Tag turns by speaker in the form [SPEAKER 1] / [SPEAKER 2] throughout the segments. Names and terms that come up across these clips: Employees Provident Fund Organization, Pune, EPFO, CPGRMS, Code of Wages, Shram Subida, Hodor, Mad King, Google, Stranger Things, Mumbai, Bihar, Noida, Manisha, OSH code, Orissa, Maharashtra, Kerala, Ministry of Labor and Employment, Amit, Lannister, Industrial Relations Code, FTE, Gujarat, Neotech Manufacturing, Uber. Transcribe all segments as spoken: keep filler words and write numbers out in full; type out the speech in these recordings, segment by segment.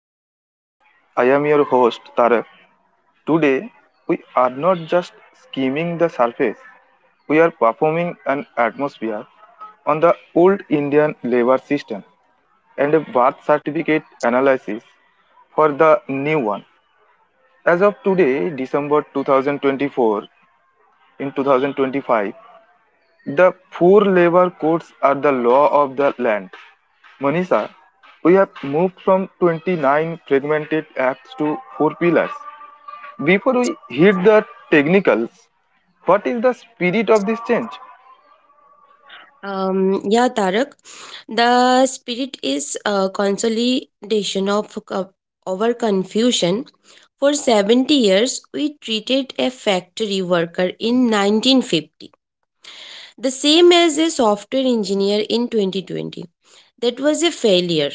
[SPEAKER 1] special. I am your host Tarak. Today, we are not just skimming the surface, we are performing an atmosphere on the old Indian labor system and a birth certificate analysis for the new one. As of today, December twenty twenty-four, in twenty twenty-five, the four labor codes are the law of the land. Manisha, we have moved from twenty-nine fragmented acts to four pillars. Before we hit the technicals, what is the spirit of this change?
[SPEAKER 2] Um, yeah, Tarak, the spirit is a consolidation of co- our confusion. For seventy years, we treated a factory worker in nineteen fifty the same as a software engineer in twenty twenty. That was a failure.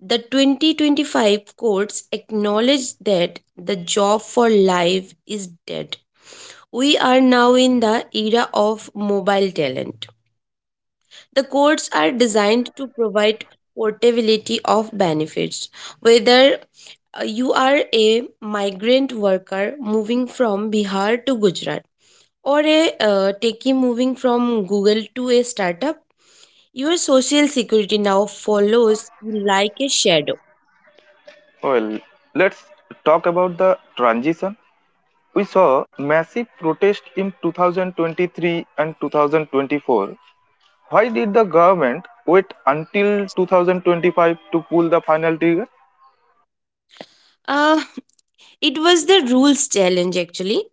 [SPEAKER 2] The twenty twenty-five courts acknowledge that the job for life is dead. We are now in the era of mobile talent. The codes are designed to provide portability of benefits, whether uh, you are a migrant worker moving from Bihar to Gujarat or a uh, techie moving from Google to a startup. Your social security now follows you like a shadow.
[SPEAKER 1] Well, let's talk about the transition. We saw massive protest in twenty twenty-three and two thousand twenty-four. Why did the government wait until twenty twenty-five to pull the final trigger?
[SPEAKER 2] Uh, it was the rules challenge actually.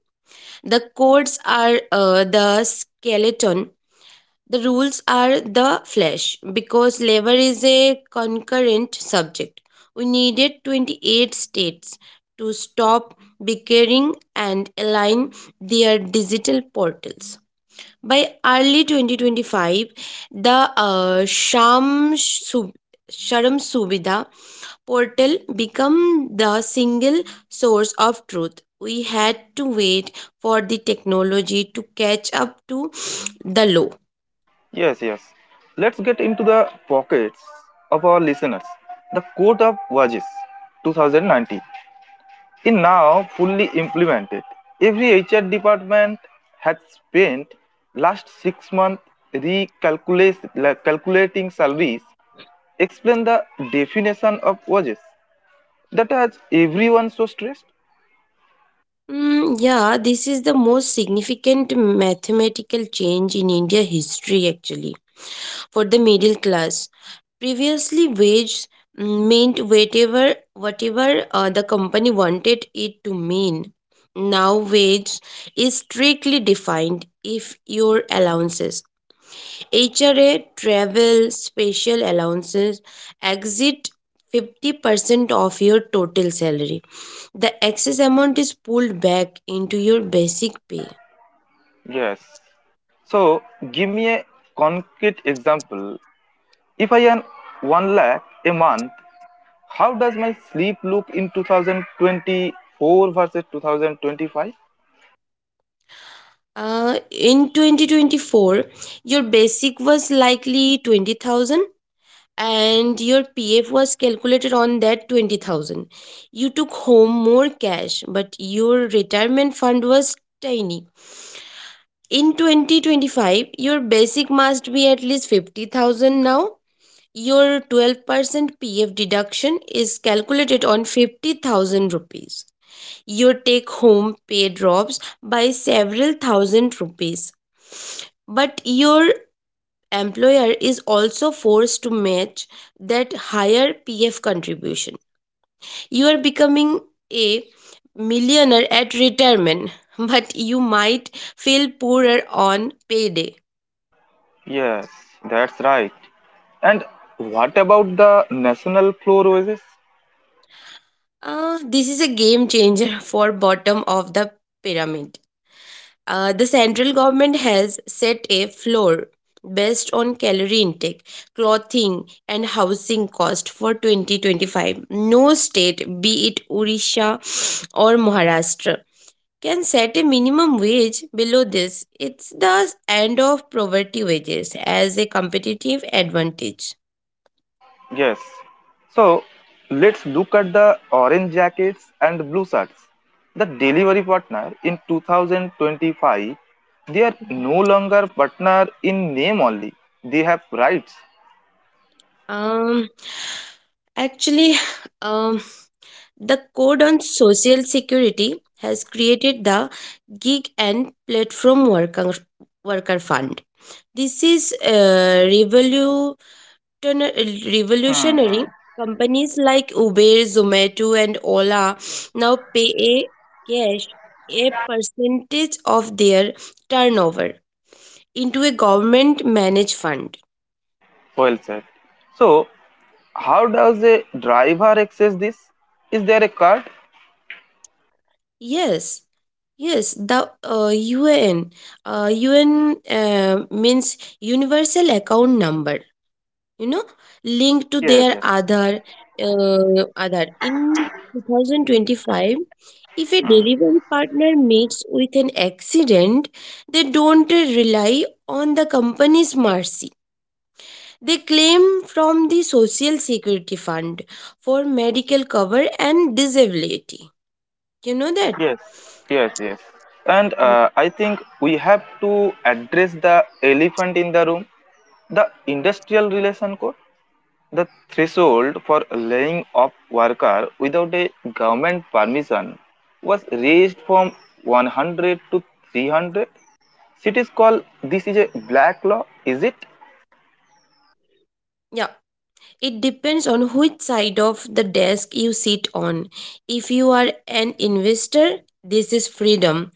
[SPEAKER 2] The codes are uh, the skeleton. The rules are the flesh because labor is a concurrent subject. We needed twenty-eight states to stop bickering and align their digital portals. By early twenty twenty-five, the uh, Sham Sub- Sharam Subida portal became the single source of truth. We had to wait for the technology to catch up to the law.
[SPEAKER 1] Yes, yes. Let's get into the pockets of our listeners. The Code of Wages twenty nineteen is now fully implemented. Every H R department has spent last six months recalculating salaries. Explain the definition of wages that has everyone so stressed.
[SPEAKER 2] Mm, yeah, this is the most significant mathematical change in India history actually for the middle class. Previously, wage mm, meant whatever whatever uh, the company wanted it to mean. Now, wage is strictly defined if your allowances, H R A, travel, special allowances, exit fifty percent of your total salary, the excess amount is pulled back into your basic pay.
[SPEAKER 1] Yes. So give me a concrete example. If I earn one lakh a month, how does my sleep look in two thousand twenty-four versus two thousand twenty-five?
[SPEAKER 2] Uh, in twenty twenty-four, your basic was likely twenty thousand and your P F was calculated on that twenty thousand. You took home more cash, but your retirement fund was tiny. In twenty twenty-five, your basic must be at least fifty thousand now. Your twelve percent P F deduction is calculated on fifty thousand rupees. Your take home pay drops by several thousand rupees, but your employer is also forced to match that higher PF contribution. You are becoming a millionaire at retirement but you might feel poorer on payday.
[SPEAKER 1] Yes, that's right. And what about the national floor oasis?
[SPEAKER 2] Uh, this is a game changer for bottom of the pyramid. Uh, the central government has set a floor based on calorie intake, clothing, and housing cost for twenty twenty-five. No state, be it Orissa or Maharashtra, can set a minimum wage below this. It's the end of poverty wages as a competitive advantage.
[SPEAKER 1] Yes. So let's look at the orange jackets and blue shirts. The delivery partner in two thousand twenty-five, they are no longer partner in name only. They have rights.
[SPEAKER 2] Um, Actually, um, the Code on Social Security has created the Gig and Platform Worker, Worker Fund. This is uh, revolutionary,
[SPEAKER 1] Hmm,
[SPEAKER 2] revolutionary.
[SPEAKER 1] hmm.
[SPEAKER 2] Companies like Uber, Zomato, and Ola now pay a cash a percentage of their turnover into a government managed fund.
[SPEAKER 1] Well said. So how does a driver access this? Is there a card?
[SPEAKER 2] Yes, yes, the uh, U N. Uh, U N uh, means Universal Account Number, you know, linked to
[SPEAKER 1] Yes,
[SPEAKER 2] their
[SPEAKER 1] yes,
[SPEAKER 2] other uh, other. In twenty twenty-five, if a delivery partner meets with an accident, they don't uh, rely on the company's mercy. They claim from the Social Security Fund for medical cover and disability. You know that?
[SPEAKER 1] yes, yes, yes. And
[SPEAKER 2] Mm,
[SPEAKER 1] uh, I think we have to address the elephant in the room. The industrial relation code, the threshold for laying off worker without a government permission, was raised from one hundred to three hundred. Cities call this is a black law, is it?
[SPEAKER 2] yeah. It depends on which side of the desk you sit on. If you are an investor, this is freedom.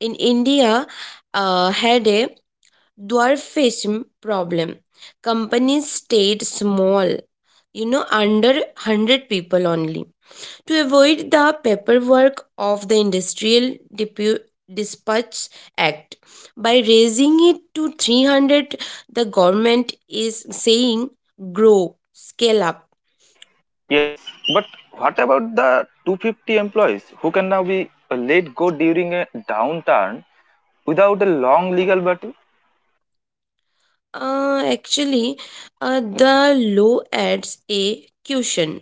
[SPEAKER 2] In India, uh, had a dwarfism problem. Companies stayed small, you know, under one hundred people only, to avoid the paperwork of the Industrial Depu- Dispatch Act. By raising it to three hundred, the government is saying grow, scale up.
[SPEAKER 1] Yes, but what about the two hundred fifty employees who can now be uh, let go during a downturn without a long legal battle?
[SPEAKER 2] Uh, actually, uh, the law adds a cushion.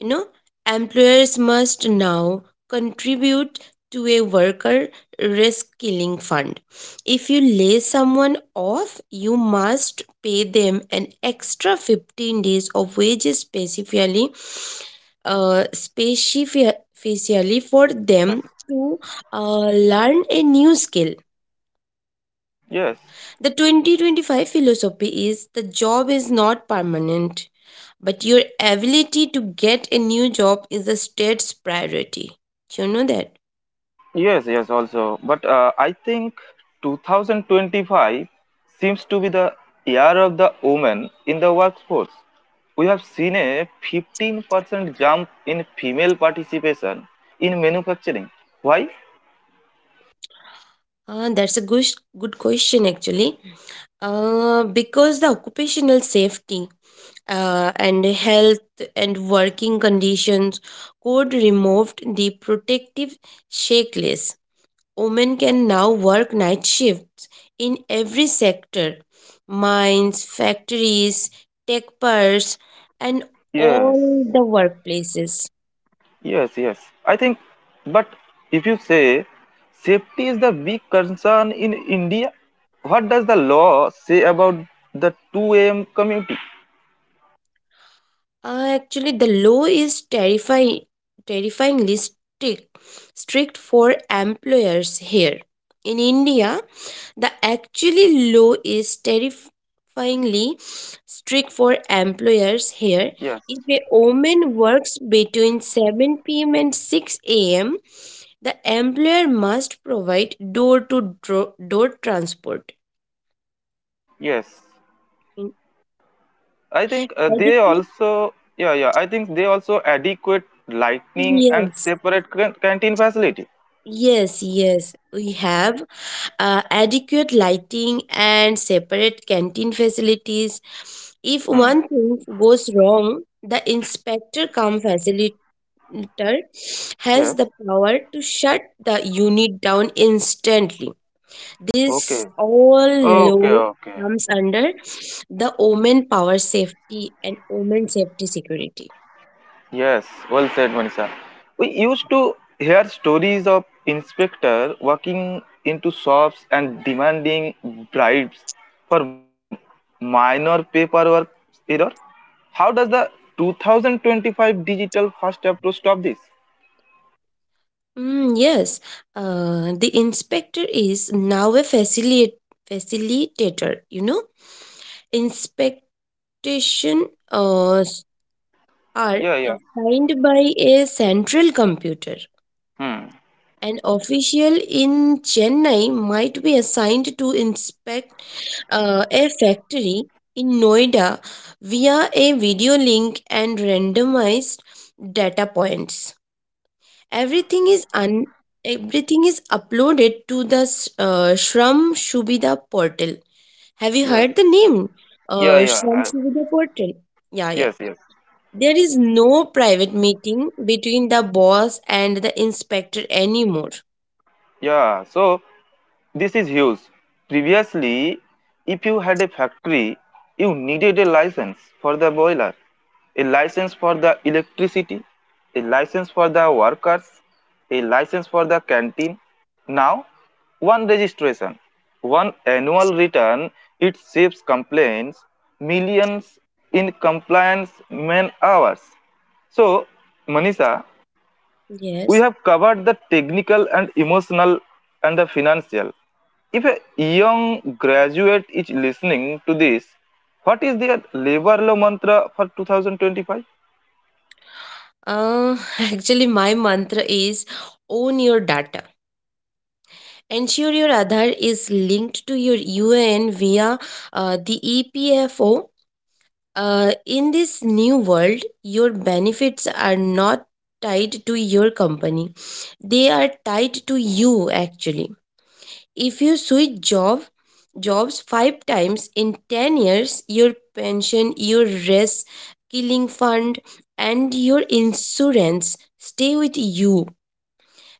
[SPEAKER 2] You know, employers must now contribute to a worker risk killing fund. If you lay someone off, you must pay them an extra fifteen days of wages specifically, uh, specifically for them to uh, learn a new skill.
[SPEAKER 1] Yes, yes,
[SPEAKER 2] The twenty twenty-five philosophy is the job is not permanent, but your ability to get a new job is the state's priority. You know that?
[SPEAKER 1] yes, yes, also. But uh, I think twenty twenty-five seems to be the year of the women in the workforce. We have seen a fifteen percent jump in female participation in manufacturing. Why?
[SPEAKER 2] Uh, that's a good, Good question actually. Uh, because the occupational safety uh, and health and working conditions code removed the protective checklist. Women can now work night shifts in every sector: mines, factories, tech parks, and
[SPEAKER 1] Yes,
[SPEAKER 2] all the workplaces.
[SPEAKER 1] yes, yes. I think, but if you say safety is the big concern in India, what does the law say about the two a m community?
[SPEAKER 2] Uh, actually, the law is terrifying, Terrifyingly strict, strict for employers here. In India, The actually law is terrifyingly strict for employers here.
[SPEAKER 1] Yes,
[SPEAKER 2] If a woman works between seven p m and six a m, the employer must provide door to door transport.
[SPEAKER 1] yes.
[SPEAKER 2] In
[SPEAKER 1] I think uh, they
[SPEAKER 2] adequate
[SPEAKER 1] also, yeah, yeah, I think they also adequate lighting and
[SPEAKER 2] yes.
[SPEAKER 1] separate can- canteen facility.
[SPEAKER 2] Yes, yes, we have uh, adequate lighting and separate canteen facilities. If
[SPEAKER 1] Hmm.
[SPEAKER 2] one thing goes wrong, the inspector come comes. Twitter has
[SPEAKER 1] Yes.
[SPEAKER 2] the power to shut the unit down instantly. This
[SPEAKER 1] Okay.
[SPEAKER 2] all
[SPEAKER 1] Okay.
[SPEAKER 2] law
[SPEAKER 1] Okay.
[SPEAKER 2] comes under the Omen Power Safety and Omen Safety Security.
[SPEAKER 1] Yes, well said, Manisha. We used to hear stories of inspector walking into shops and demanding bribes for minor paperwork error. How does the two thousand twenty-five digital first approach stop this?
[SPEAKER 2] Mm, yes, uh, the inspector is now a facilitate facilitator. You know, inspection uh, s- are
[SPEAKER 1] Yeah, yeah.
[SPEAKER 2] assigned by a central computer.
[SPEAKER 1] Hmm.
[SPEAKER 2] An official in Chennai might be assigned to inspect uh, a factory in Noida via a video link and randomized data points.
[SPEAKER 1] Hmm.
[SPEAKER 2] Everything is un- Everything is uploaded to the uh, Shram Shubida portal. Have you
[SPEAKER 1] Yes.
[SPEAKER 2] heard the name?
[SPEAKER 1] Yeah,
[SPEAKER 2] Uh,
[SPEAKER 1] yeah.
[SPEAKER 2] Shram
[SPEAKER 1] I-
[SPEAKER 2] Shubida portal. Yeah, yeah.
[SPEAKER 1] yes, yes.
[SPEAKER 2] There is no private meeting between the boss and the inspector anymore.
[SPEAKER 1] Yeah. So this is huge. Previously, if you had a factory, you needed a license for the boiler, a license for the electricity, a license for the workers, a license for the canteen. Now, one registration, one annual return, it saves complaints, millions in compliance man hours. So, Manisha, we
[SPEAKER 2] Yes.
[SPEAKER 1] have covered the technical and emotional and the financial. If a young graduate is listening to this, what is their labor law mantra for twenty twenty-five?
[SPEAKER 2] Uh, actually, my mantra is own your data. Ensure your Aadhaar is linked to your U A N via uh, the E P F O. Uh, in this new world, your benefits are not tied to your company, they are tied to you actually. If you switch job, jobs five times in ten years, your pension, your rest, killing fund, and your insurance stay with you.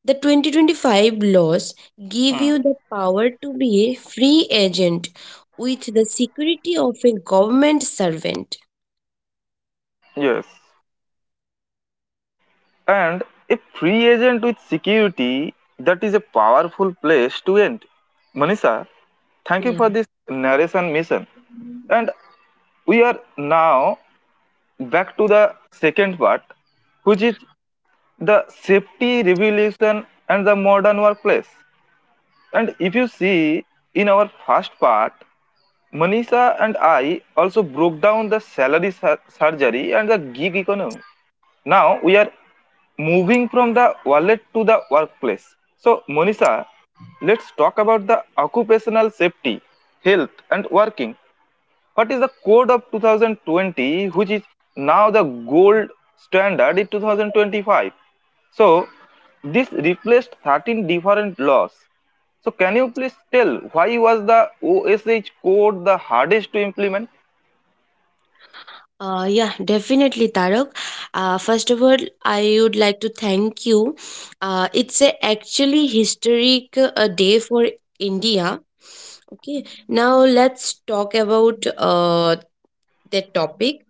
[SPEAKER 2] The twenty twenty-five laws give
[SPEAKER 1] Hmm.
[SPEAKER 2] you the power to be a free agent with the security of a government servant.
[SPEAKER 1] Yes. And a free agent with security, that is a powerful place to end. Manisha, thank you
[SPEAKER 2] Yeah.
[SPEAKER 1] for this narration mission. And we are now back to the second part, which is the safety revolution and the modern workplace. And if you see in our first part, Manisha and I also broke down the salary sur- surgery and the gig economy. Now we are moving from the wallet to the workplace. So, Manisha, let's talk about the occupational safety, health, and working. What is the code of two thousand twenty, which is now the gold standard in two thousand twenty-five? So, this replaced thirteen different laws. So, can you please tell why was the O S H code the hardest to implement?
[SPEAKER 2] Uh, yeah, Definitely, Tarak. Uh, first of all, I would like to thank you. Uh, it's a actually historic uh, day for India. Okay, now let's talk about uh, the topic.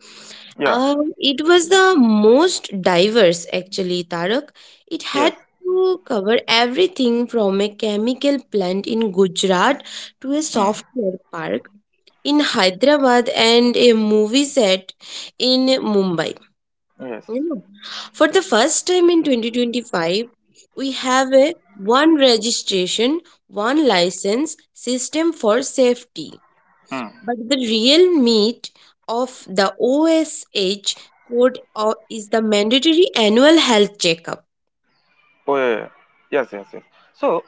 [SPEAKER 1] Yeah,
[SPEAKER 2] Um, it was the most diverse, actually, Tarak. It had
[SPEAKER 1] yes,
[SPEAKER 2] to cover everything from a chemical plant in Gujarat to a
[SPEAKER 1] hmm,
[SPEAKER 2] software park in Hyderabad and a movie set in Mumbai.
[SPEAKER 1] yes,
[SPEAKER 2] You know, for the first time in twenty twenty-five, we have a one registration, one license system for safety.
[SPEAKER 1] hmm.
[SPEAKER 2] But the real meat of the O S H code o- is the mandatory annual health checkup.
[SPEAKER 1] Oh, yeah, yeah, yes, yes, yes. So,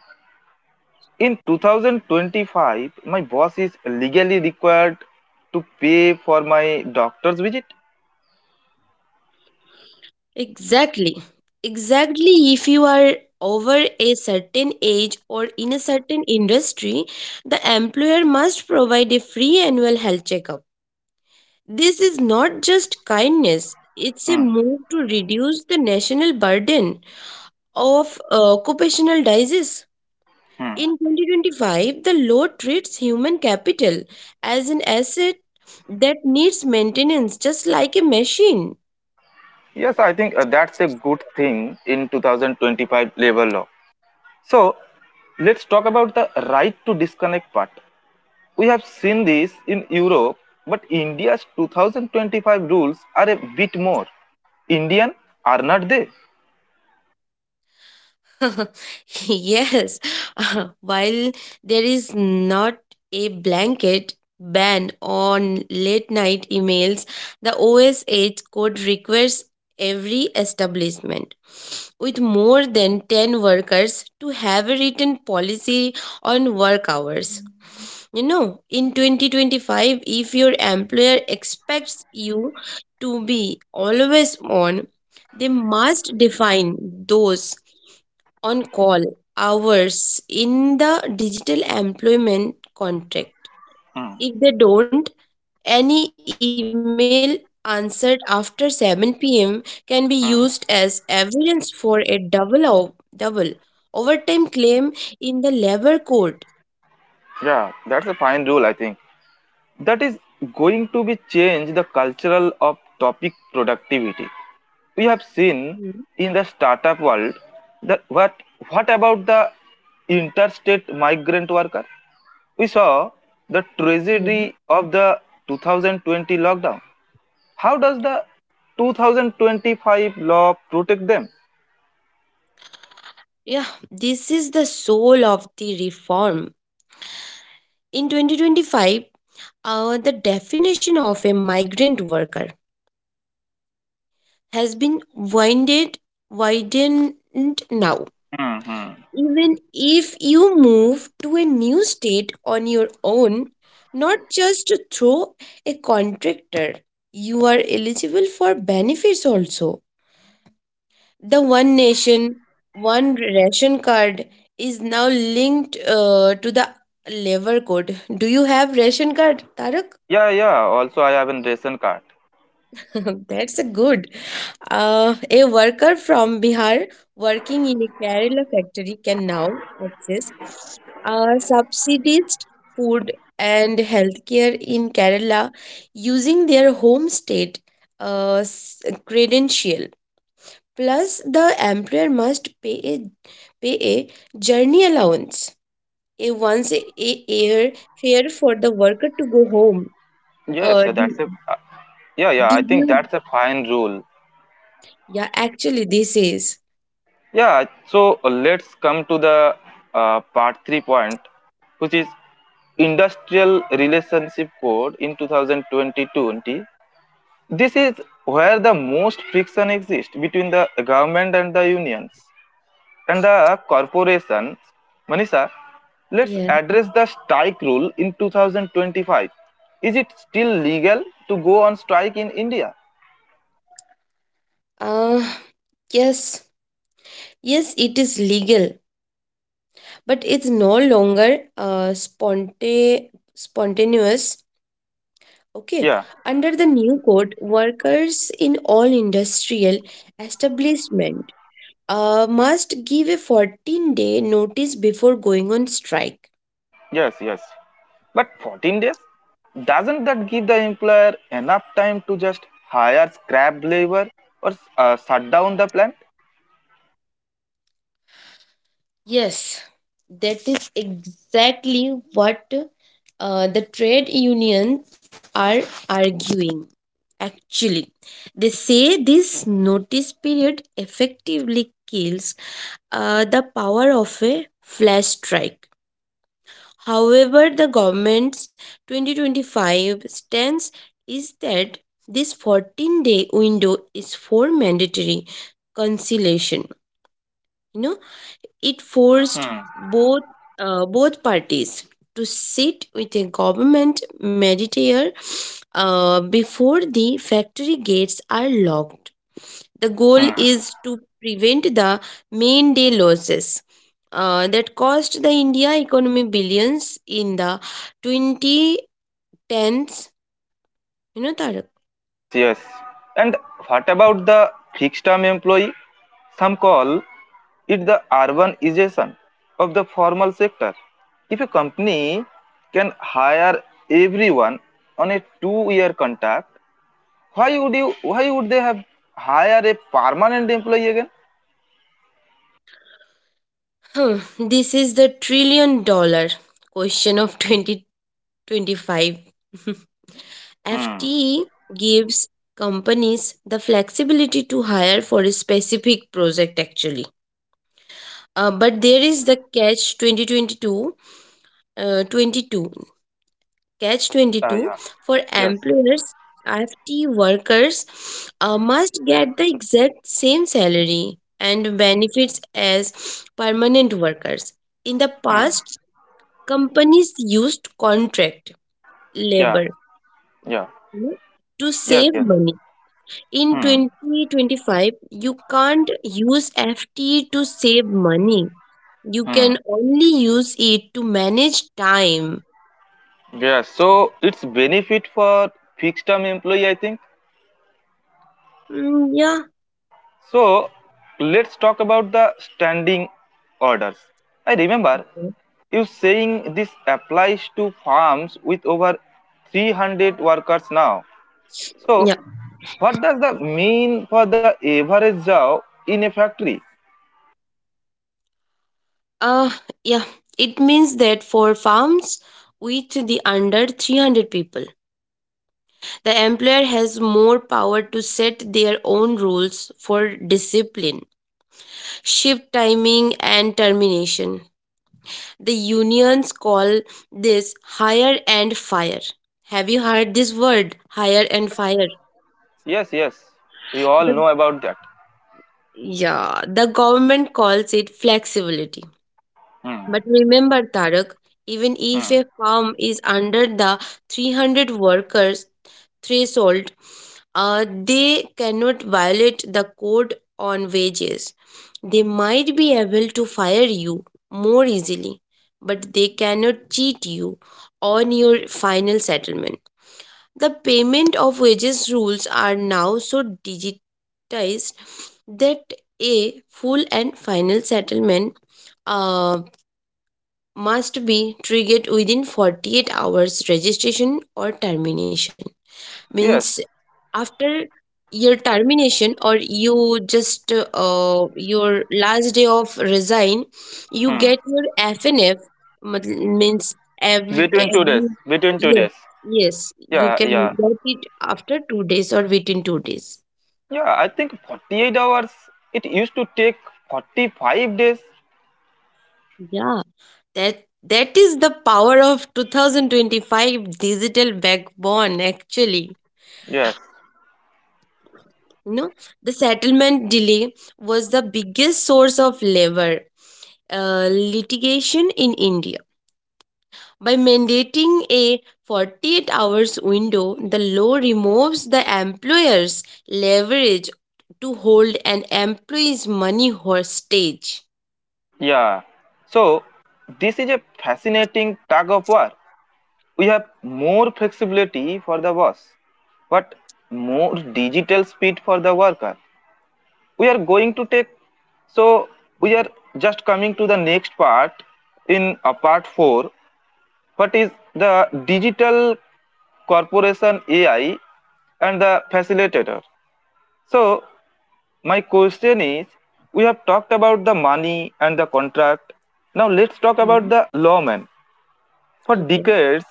[SPEAKER 1] in twenty twenty-five, my boss is legally required to pay for my doctor's visit.
[SPEAKER 2] Exactly. Exactly. If you are over a certain age or in a certain industry, the employer must provide a free annual health checkup. This is not just kindness, it's a
[SPEAKER 1] Hmm,
[SPEAKER 2] move to reduce the national burden of uh, occupational disease.
[SPEAKER 1] hmm.
[SPEAKER 2] In twenty twenty-five, the law treats human capital as an asset that needs maintenance just like a machine.
[SPEAKER 1] Yes, I think uh, that's a good thing in two thousand twenty-five labor law. So, let's talk about the right to disconnect part. We have seen this in Europe, but India's two thousand twenty-five rules are a bit more Indian, are not they?
[SPEAKER 2] Yes, while there is not a blanket ban on late night emails, the O S H code requires every establishment with more than ten workers to have a written policy on work hours. You know, in twenty twenty-five, if your employer expects you to be always on, they must define those on call hours in the digital employment contract.
[SPEAKER 1] Hmm.
[SPEAKER 2] If they don't, any email answered after seven p m can be used as
[SPEAKER 1] Hmm.
[SPEAKER 2] evidence for a double o- double overtime claim in the labor court.
[SPEAKER 1] Yeah, that's a fine rule, I think. That is going to be change the cultural of topic productivity. We have seen
[SPEAKER 2] Hmm,
[SPEAKER 1] in the startup world that what what about the interstate migrant worker? We saw the tragedy
[SPEAKER 2] hmm.
[SPEAKER 1] of the twenty twenty lockdown. How does the twenty twenty-five law protect them?
[SPEAKER 2] Yeah, this is the soul of the reform. In twenty twenty-five, uh, the definition of a migrant worker has been winded widened now.
[SPEAKER 1] Hmm.
[SPEAKER 2] Even if you move to a new state on your own, not just to through a contractor, you are eligible for benefits also. The One
[SPEAKER 1] Yes,
[SPEAKER 2] Nation, One Ration card is now linked uh, to the labor code. Do you have ration card, Tarak?
[SPEAKER 1] yeah, yeah, also I have a ration card.
[SPEAKER 2] That's a good. Uh, a worker from Bihar working in a Kerala factory can now access uh, subsidized food and healthcare in Kerala using their home state uh, s- credential. Plus, the employer must pay a, pay a journey allowance, a once a, a year fare for the worker to go home. Uh,
[SPEAKER 1] Yes. So
[SPEAKER 2] did,
[SPEAKER 1] that's a, uh, yeah, yeah, I
[SPEAKER 2] did
[SPEAKER 1] think
[SPEAKER 2] you?
[SPEAKER 1] that's a fine rule.
[SPEAKER 2] Yeah, actually, this is.
[SPEAKER 1] Yeah. So uh, let's come to the, uh, part three point, which is industrial relationship code in two thousand twenty. This is where the most friction exists between the government and the unions and the corporations. Manisha, let's
[SPEAKER 2] Yeah.
[SPEAKER 1] address the strike rule in two thousand twenty-five. Is it still legal to go on strike in India?
[SPEAKER 2] Uh, yes. Yes, it is legal, but it's no longer uh, sponte spontaneous. Okay.
[SPEAKER 1] Yeah,
[SPEAKER 2] Under the new code, workers in all industrial establishment uh, must give a fourteen-day notice before going on strike.
[SPEAKER 1] yes, yes. But fourteen days, doesn't that give the employer enough time to just hire scrap labor or uh, shut down the plant?
[SPEAKER 2] Yes, that is exactly what uh, the trade unions are arguing. Actually, they say this notice period effectively kills uh, the power of a flash strike. However, the government's twenty twenty-five stance is that this fourteen day window is for mandatory conciliation. You know, it forced
[SPEAKER 1] Hmm.
[SPEAKER 2] both uh, both parties to sit with a government mediator uh, before the factory gates are locked. The goal
[SPEAKER 1] Hmm.
[SPEAKER 2] is to prevent the main day losses uh, that cost the India economy billions in the twenty tens. You know, Tarak.
[SPEAKER 1] Yes, yes. And what about the fixed term employee? Some call it the urbanization of the formal sector. If a company can hire everyone on a two-year contract, why would you why would they have hire a permanent employee again?
[SPEAKER 2] Hmm, this is the trillion dollar question of twenty. 25.
[SPEAKER 1] Hmm.
[SPEAKER 2] F T E gives companies the flexibility to hire for a specific project actually. Uh,
[SPEAKER 1] Yes.
[SPEAKER 2] but there is the catch 2022 uh, 22 catch
[SPEAKER 1] Yeah,
[SPEAKER 2] twenty-two
[SPEAKER 1] yeah.
[SPEAKER 2] for
[SPEAKER 1] Yes.
[SPEAKER 2] employers. F T E workers uh, must get the exact same salary and benefits as permanent workers. In the
[SPEAKER 1] Hmm.
[SPEAKER 2] past, companies used contract
[SPEAKER 1] Yeah.
[SPEAKER 2] labor
[SPEAKER 1] Yeah.
[SPEAKER 2] to
[SPEAKER 1] Yes,
[SPEAKER 2] save
[SPEAKER 1] yes.
[SPEAKER 2] money. In
[SPEAKER 1] Hmm.
[SPEAKER 2] twenty twenty-five, you can't use F T to save money. You
[SPEAKER 1] Hmm.
[SPEAKER 2] can only use it to manage time.
[SPEAKER 1] Yeah. So it's benefit for fixed term employee, I think.
[SPEAKER 2] Mm, yeah.
[SPEAKER 1] So let's talk about the standing orders. I remember you saying this applies to farms with over three hundred workers now. So
[SPEAKER 2] Yeah.
[SPEAKER 1] what does that mean for the average job in a factory?
[SPEAKER 2] Uh, yeah. It means that for farms with the under three hundred people, the employer has more power to set their own rules for discipline, shift timing, and termination. The unions call this hire and fire. Have you heard this word, hire and
[SPEAKER 1] Yes,
[SPEAKER 2] fire?
[SPEAKER 1] yes, yes. We all
[SPEAKER 2] The,
[SPEAKER 1] know about that.
[SPEAKER 2] yeah, the government calls it flexibility.
[SPEAKER 1] Hmm.
[SPEAKER 2] But remember, Tarak, even if
[SPEAKER 1] Hmm.
[SPEAKER 2] a farm is under the three hundred workers threshold, uh, they cannot violate the code on wages. They might be able to fire you more easily, but they cannot cheat you on your final settlement. The payment of wages rules are now so digitized that a full and final settlement uh, must be triggered within forty-eight hours registration or termination means
[SPEAKER 1] Yes.
[SPEAKER 2] after your termination or you just uh, your last day of resign you
[SPEAKER 1] Hmm.
[SPEAKER 2] get your fnf matl- means every
[SPEAKER 1] Between two days.
[SPEAKER 2] every
[SPEAKER 1] Between two
[SPEAKER 2] yes,
[SPEAKER 1] days.
[SPEAKER 2] yes, you
[SPEAKER 1] Yeah,
[SPEAKER 2] can
[SPEAKER 1] yeah.
[SPEAKER 2] get it after two days or within two days.
[SPEAKER 1] Yeah, I think forty-eight hours. It used to take forty-five days.
[SPEAKER 2] Yeah, that that is the power of twenty twenty-five digital backbone actually.
[SPEAKER 1] Yes.
[SPEAKER 2] You know, the settlement delay was the biggest source of labor uh, litigation in India. By mandating a forty-eight hours window, the law removes the employer's leverage to hold an employee's money hostage.
[SPEAKER 1] Yeah. So this is a fascinating tug of war. We have more flexibility for the boss, but more digital speed for the worker. We are going to take, so we are just coming to the next part in a part four. What is the digital corporation A I and the facilitator? So, my question is we have talked about the money and the contract. Now, let's talk about
[SPEAKER 2] Mm.
[SPEAKER 1] the lawman. For
[SPEAKER 2] Okay.
[SPEAKER 1] decades,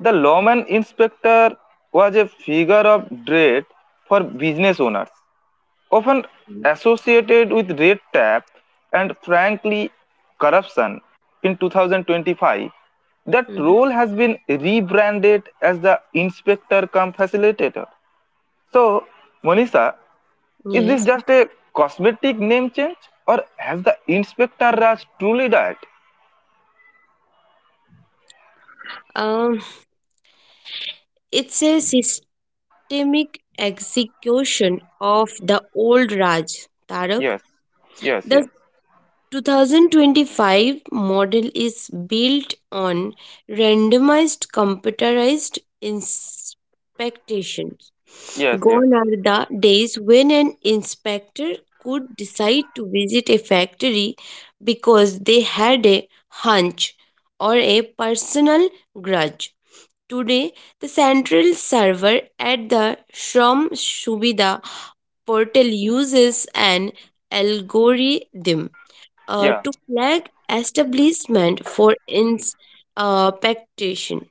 [SPEAKER 1] the lawman inspector was a figure of dread for business owners, often
[SPEAKER 2] Mm.
[SPEAKER 1] associated with red tape and, frankly, corruption. In two thousand twenty-five, that
[SPEAKER 2] Mm.
[SPEAKER 1] role has been rebranded as the inspector cum facilitator. So, Monisha, is this
[SPEAKER 2] Yes.
[SPEAKER 1] just a cosmetic name change or has the inspector Raj truly died?
[SPEAKER 2] Um, it's a systemic execution of the old Raj, Tarak.
[SPEAKER 1] Yes, yes,
[SPEAKER 2] The
[SPEAKER 1] yes,
[SPEAKER 2] twenty twenty-five model is built on randomized computerized inspections.
[SPEAKER 1] yes, yes,
[SPEAKER 2] Gone are the days when an inspector could decide to visit a factory because they had a hunch or a personal grudge. Today, the central server at the Shram Subida portal uses an algorithm uh,
[SPEAKER 1] yeah.
[SPEAKER 2] to flag establishment for ins- uh, pectation-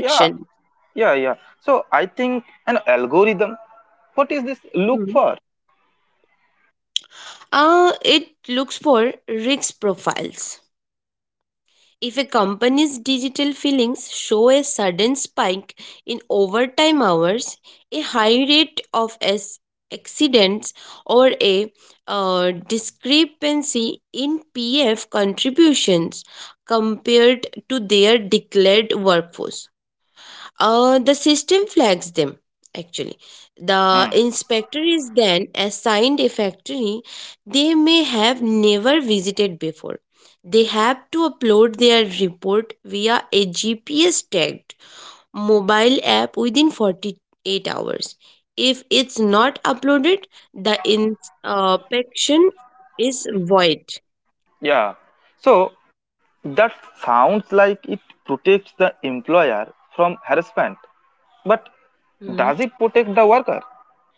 [SPEAKER 1] Yeah, yeah, yeah. So I think an algorithm. What is this look
[SPEAKER 2] Hmm.
[SPEAKER 1] for?
[SPEAKER 2] Uh, it looks for risk profiles. If a company's digital fillings show a sudden spike in overtime hours, a high rate of as- accidents, or a uh, discrepancy in P F contributions compared to their declared workforce, Uh, the system flags them actually. The
[SPEAKER 1] Hmm.
[SPEAKER 2] inspector is then assigned a factory they may have never visited before. They have to upload their report via a G P S tagged mobile app within forty-eight hours. If it's not uploaded, the inspection is void.
[SPEAKER 1] Yeah. So that sounds like it protects the employer from harassment, but
[SPEAKER 2] Hmm.
[SPEAKER 1] does it protect the worker?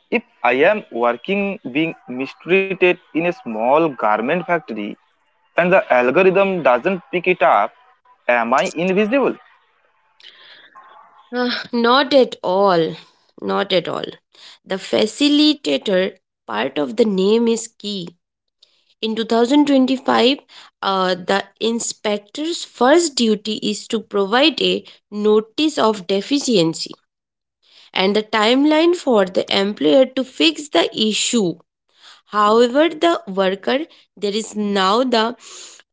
[SPEAKER 1] If I am working being mistreated in a small garment factory and the algorithm doesn't pick it up, am I invisible?
[SPEAKER 2] Ah, not at all. Not at all. The facilitator part of the name is key. In twenty twenty-five, uh, the inspector's first duty is to provide a notice of deficiency and the timeline for the employer to fix the issue. However, the worker, there is now the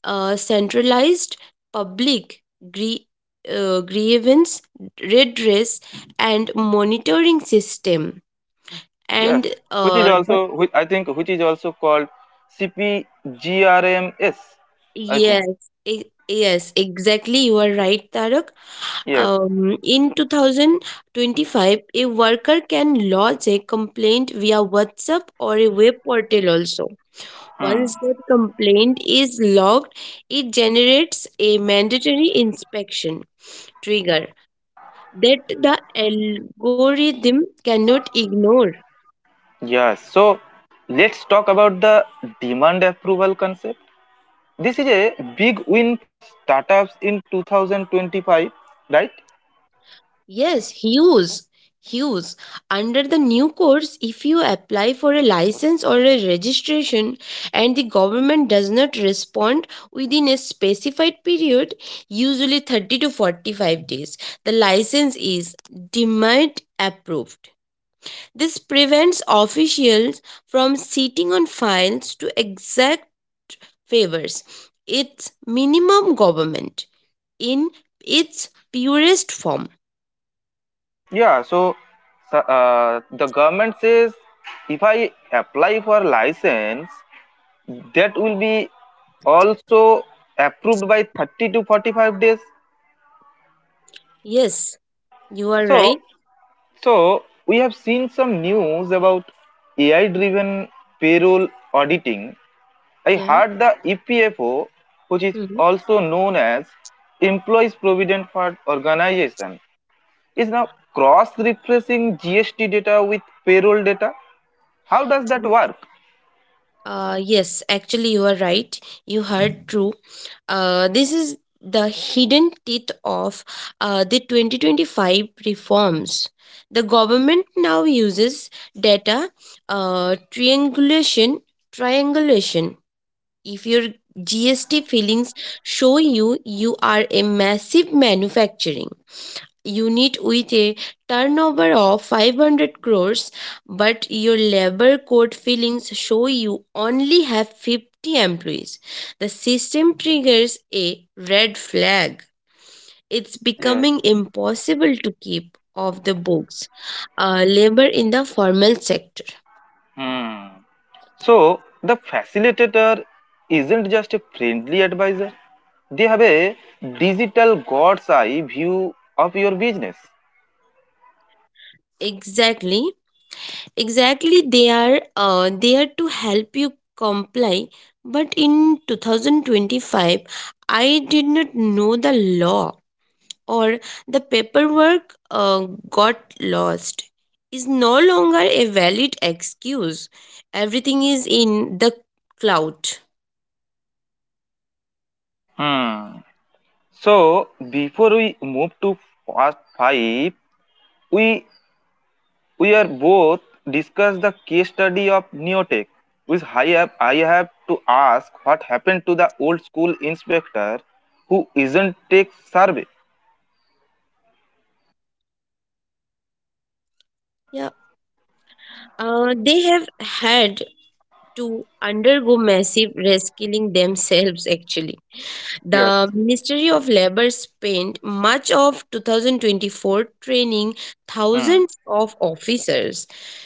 [SPEAKER 2] uh, centralized public grie- uh, grievance redress and monitoring system
[SPEAKER 1] Yes,
[SPEAKER 2] and
[SPEAKER 1] which is
[SPEAKER 2] uh,
[SPEAKER 1] also which I think which is also called CPGRMS. I think
[SPEAKER 2] yes, e- yes, exactly. You are right, Tarak.
[SPEAKER 1] yes.
[SPEAKER 2] Um, in twenty twenty-five, a worker can lodge a complaint via WhatsApp or a web portal also.
[SPEAKER 1] Hmm.
[SPEAKER 2] Once that complaint is logged, it generates a mandatory inspection trigger that the algorithm cannot ignore.
[SPEAKER 1] Yes. So let's talk about the demand approval concept. This is a big win for startups in twenty twenty-five, right?
[SPEAKER 2] Yes, huge, huge. Under the new codes, if you apply for a license or a registration and the government does not respond within a specified period, usually thirty to forty-five days, the license is denied approved. This prevents officials from sitting on files to exact favors. It's minimum government in its purest form.
[SPEAKER 1] Yeah. So so, uh, the government says if I apply for license, that will be also approved by thirty to forty-five days.
[SPEAKER 2] Yes, you are
[SPEAKER 1] So
[SPEAKER 2] right.
[SPEAKER 1] So, we have seen some news about A I driven payroll auditing. I
[SPEAKER 2] Yeah.
[SPEAKER 1] heard the E P F O, which is
[SPEAKER 2] Hmm.
[SPEAKER 1] also known as Employees Provident Fund Organization, is now cross referencing G S T data with payroll data. How does that work?
[SPEAKER 2] Uh, yes, actually, you are right. You heard true. Uh, this is the hidden teeth of uh, the twenty twenty-five reforms. The government now uses data uh, triangulation. Triangulation. If your G S T filings show you you are a massive manufacturing unit with a turnover of five hundred crores, but your labor code fillings show you only have fifty employees. The system triggers a red flag. It's
[SPEAKER 1] Yes.
[SPEAKER 2] becoming impossible to keep off the books uh, labor in the formal sector.
[SPEAKER 1] Hmm. So, the facilitator isn't just a friendly advisor, they have a digital god's eye view of your business.
[SPEAKER 2] Exactly, exactly. They are uh, there to help you comply, but in twenty twenty-five I did not know the law or the paperwork uh, got lost is no longer a valid excuse. Everything is in the cloud.
[SPEAKER 1] Hmm. So before we move to part five, we we are both discuss the case study of Neotech. Which I have I have to ask what happened to the old school inspector who isn't take survey.
[SPEAKER 2] Yeah, uh, they have had to undergo massive reskilling themselves actually. The
[SPEAKER 1] Yes.
[SPEAKER 2] ministry of labor spent much of twenty twenty-four training
[SPEAKER 1] Hmm.
[SPEAKER 2] thousands of officers.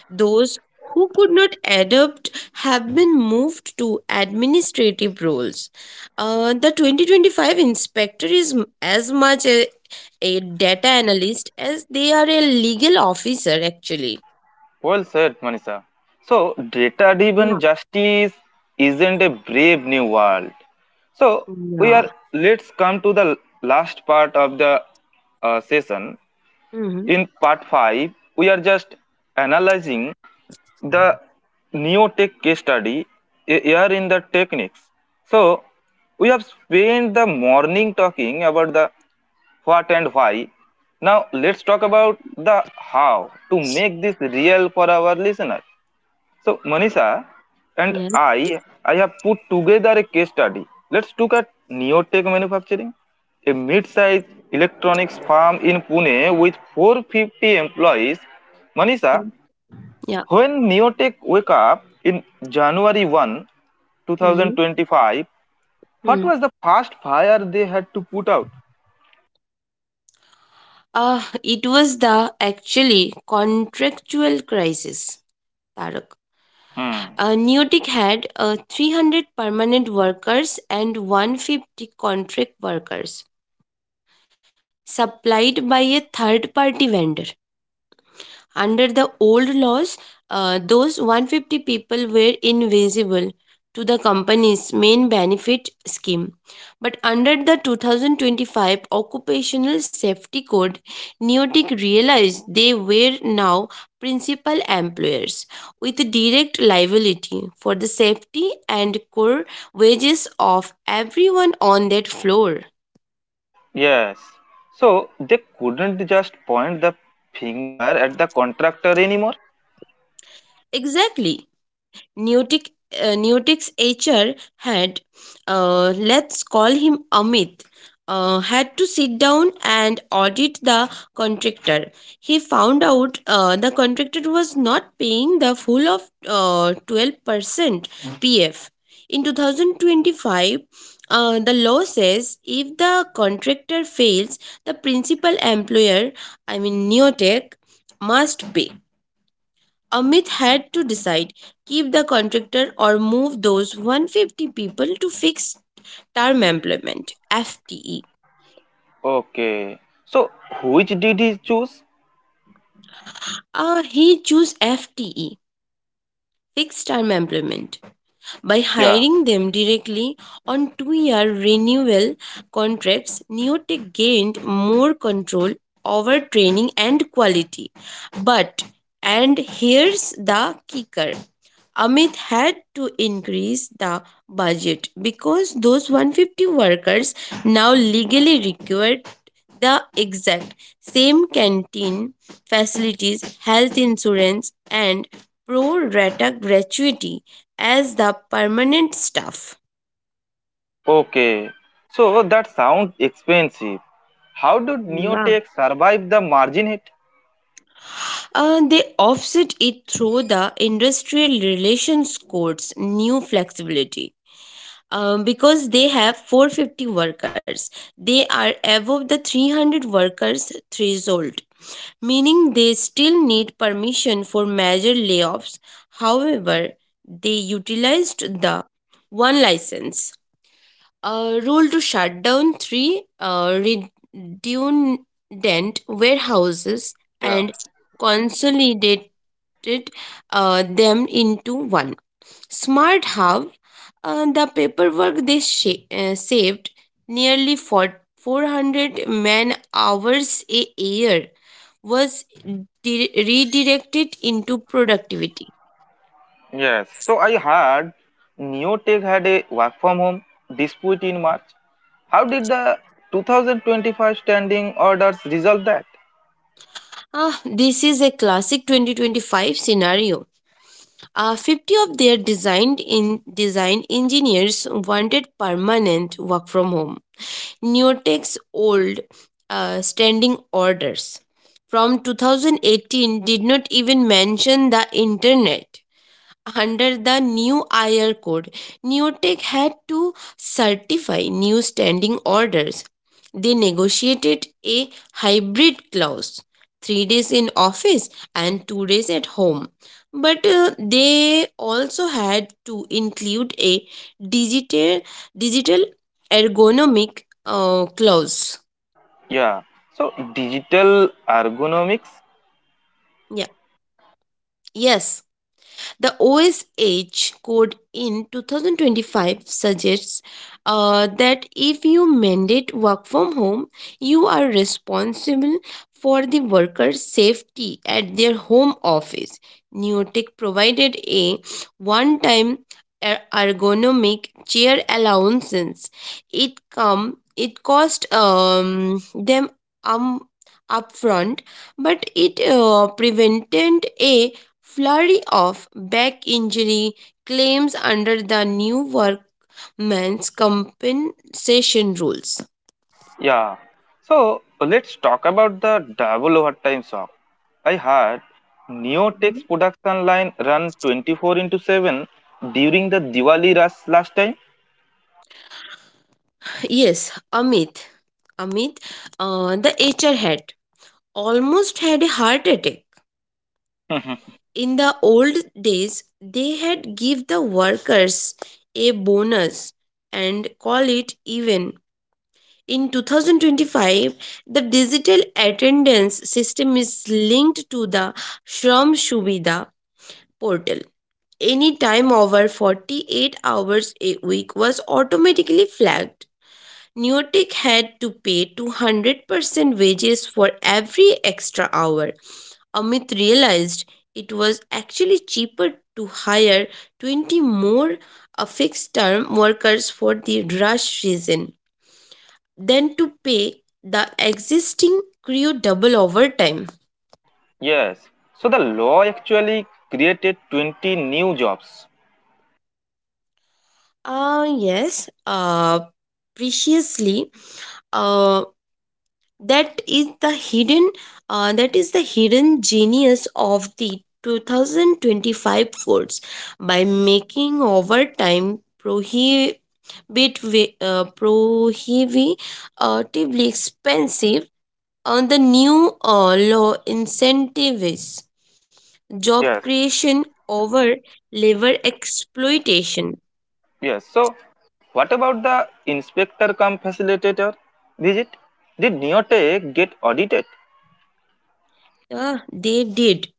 [SPEAKER 2] Those who could not adapt have been moved to administrative roles. Uh, the twenty twenty-five inspector is m- as much a, a data analyst as they are a legal officer actually.
[SPEAKER 1] Well said, Manisha. So data driven
[SPEAKER 2] Yeah.
[SPEAKER 1] justice isn't a brave new world. So we
[SPEAKER 2] Yeah.
[SPEAKER 1] are, let's come to the last part of the uh, session.
[SPEAKER 2] Hmm.
[SPEAKER 1] In part five, we are just analyzing the Neotech case study a- here in the techniques. So, we have spent the morning talking about the what and why. Now, let's talk about the how to make this real for our listeners. So, Manisha and
[SPEAKER 2] Yes.
[SPEAKER 1] I, I have put together a case study. Let's look at Neotech Manufacturing, a mid-sized electronics firm in Pune with four hundred fifty employees. Manisha,
[SPEAKER 2] Yeah.
[SPEAKER 1] when Neotech woke up in January
[SPEAKER 2] Mm-hmm.
[SPEAKER 1] 1, 2025, what was the first fire they had to put out?
[SPEAKER 2] Ah, it was the actually contractual crisis, Tarak.
[SPEAKER 1] Hmm.
[SPEAKER 2] Uh, Newtek had uh, three hundred permanent workers and one hundred fifty contract workers supplied by a third party vendor. Under the old laws, uh, those one hundred fifty people were invisible to the company's main benefit scheme. But under the twenty twenty-five Occupational Safety Code, Neotic realized they were now principal employers with direct liability for the safety and core wages of everyone on that floor.
[SPEAKER 1] Yes. So they couldn't just point the finger at the contractor anymore.
[SPEAKER 2] Exactly. Newtick, uh, Newtick's H R had, uh, let's call him Amit, uh, had to sit down and audit the contractor. He found out uh, the contractor was not paying the full of uh, twelve percent P F. In two thousand twenty-five, uh, the law says if the contractor fails, the principal employer, I mean Neotech, must pay. Amit had to decide keep the contractor or move those one hundred fifty people to fixed term employment F T E.
[SPEAKER 1] Okay. So which did he choose?
[SPEAKER 2] Uh, he chose F T E, fixed term employment. By
[SPEAKER 1] Yeah.
[SPEAKER 2] hiring them directly on two year renewal contracts, Neotech gained more control over training and quality. But, and here's the kicker, Amit had to increase the budget because those one hundred fifty workers now legally required the exact same canteen facilities, health insurance, and pro rata gratuity as the permanent stuff.
[SPEAKER 1] Okay. So that sounds expensive. How did
[SPEAKER 2] Yeah.
[SPEAKER 1] Neotech survive the margin hit?
[SPEAKER 2] Uh, they offset it through the industrial relations code's new flexibility. Um, because they have four hundred fifty workers, they are above the three hundred workers threshold, meaning they still need permission for major layoffs. However, they utilized the one license a rule to shut down three uh, redundant warehouses
[SPEAKER 1] Yeah.
[SPEAKER 2] and consolidated uh, them into one. Smart Hub, uh, the paperwork they sha- uh, saved nearly for four hundred man hours a year was di- redirected into productivity.
[SPEAKER 1] Yes. So I heard Neotech had a work from home dispute in March. How did the two thousand twenty-five standing orders resolve that?
[SPEAKER 2] Ah, this is a classic twenty twenty-five scenario. Uh, fifty of their designed in design engineers wanted permanent work from home. Neotech's old uh, standing orders from twenty eighteen did not even mention the internet under the new I R code. Neotech had to certify new standing orders. They negotiated a hybrid clause: three days in office and two days at home. But uh, they also had to include a digital, digital ergonomic uh, clause.
[SPEAKER 1] Yeah. So digital ergonomics.
[SPEAKER 2] Yeah. Yes. The O S H code in twenty twenty-five suggests uh, that if you mandate work from home, you are responsible for the worker's safety at their home office. Neotech provided a one time ergonomic chair allowances. It come it cost um, them um, upfront, but it uh, prevented a flurry of back injury claims under the new workman's compensation rules.
[SPEAKER 1] Yeah. So let's talk about the double overtime shock. I heard Neotech's production line run twenty-four into seven during the Diwali rush last time.
[SPEAKER 2] Yes, Amit. Amit, uh, the H R head, almost had a heart attack. In the old days, they had give the workers a bonus and call it even. In twenty twenty-five, the digital attendance system is linked to the Shram Shubida portal. Any time over forty-eight hours a week was automatically flagged. Neotech had to pay two hundred percent wages for every extra hour. Amit realized it was actually cheaper to hire twenty more uh, fixed term workers for the rush season than to pay the existing crew double overtime.
[SPEAKER 1] Yes. So the law actually created twenty new jobs.
[SPEAKER 2] Uh, yes, uh, preciously, uh, that is the hidden uh, that is the hidden genius of the two thousand twenty-five courts by making overtime prohibit wi- uh, prohibitively expensive on the new uh, law incentives job
[SPEAKER 1] Yes.
[SPEAKER 2] creation over labor exploitation.
[SPEAKER 1] Yes. So what about the inspector come facilitator visit? Did Neotech get audited?
[SPEAKER 2] Ah, they did.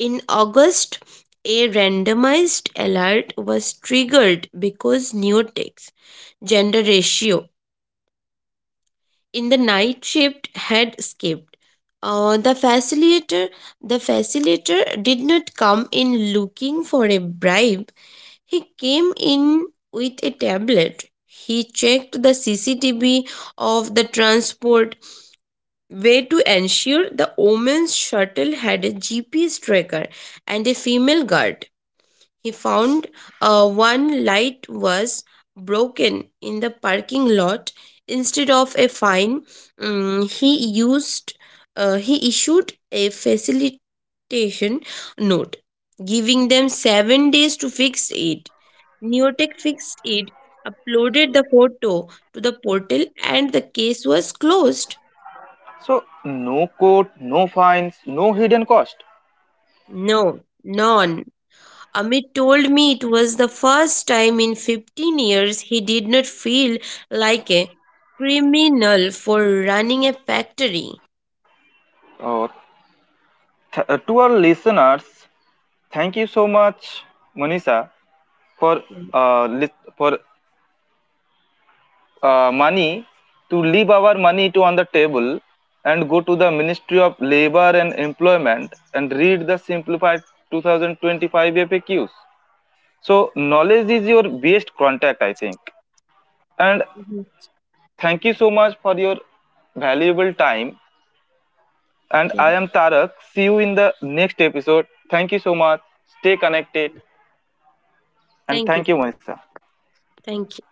[SPEAKER 2] In August, a randomized alert was triggered because Neotek's gender ratio in the night shift had skipped. Uh, the facilitator the facilitator did not come in looking for a bribe. He came in with a tablet. He checked the C C T V of the transport way to ensure the women's shuttle had a G P S tracker and a female guard. He found uh, one light was broken in the parking lot. Instead of a fine, um, he used uh, he issued a facilitation note, giving them seven days to fix it. Neotech fixed it, uploaded the photo to the portal, and the case was closed.
[SPEAKER 1] So no court, no fines, no hidden cost.
[SPEAKER 2] No, none. Amit told me it was the first time in fifteen years he did not feel like a criminal for running a factory.
[SPEAKER 1] Oh, th- uh, to our listeners, thank you so much, Manisha, for
[SPEAKER 2] Yeah.
[SPEAKER 1] uh, lit- for uh, money to leave our money to on the table and go to the Ministry of Labor and Employment and read the simplified two thousand twenty-five F A Qs. So knowledge is your best contact, I think. And
[SPEAKER 2] Mhm.
[SPEAKER 1] thank you so much for your valuable time. And
[SPEAKER 2] Yeah.
[SPEAKER 1] I am Tarak. See you in the next episode. Thank you so much. Stay connected. And
[SPEAKER 2] Thank you,
[SPEAKER 1] thank you,
[SPEAKER 2] sir.
[SPEAKER 1] Manisha.
[SPEAKER 2] Thank you.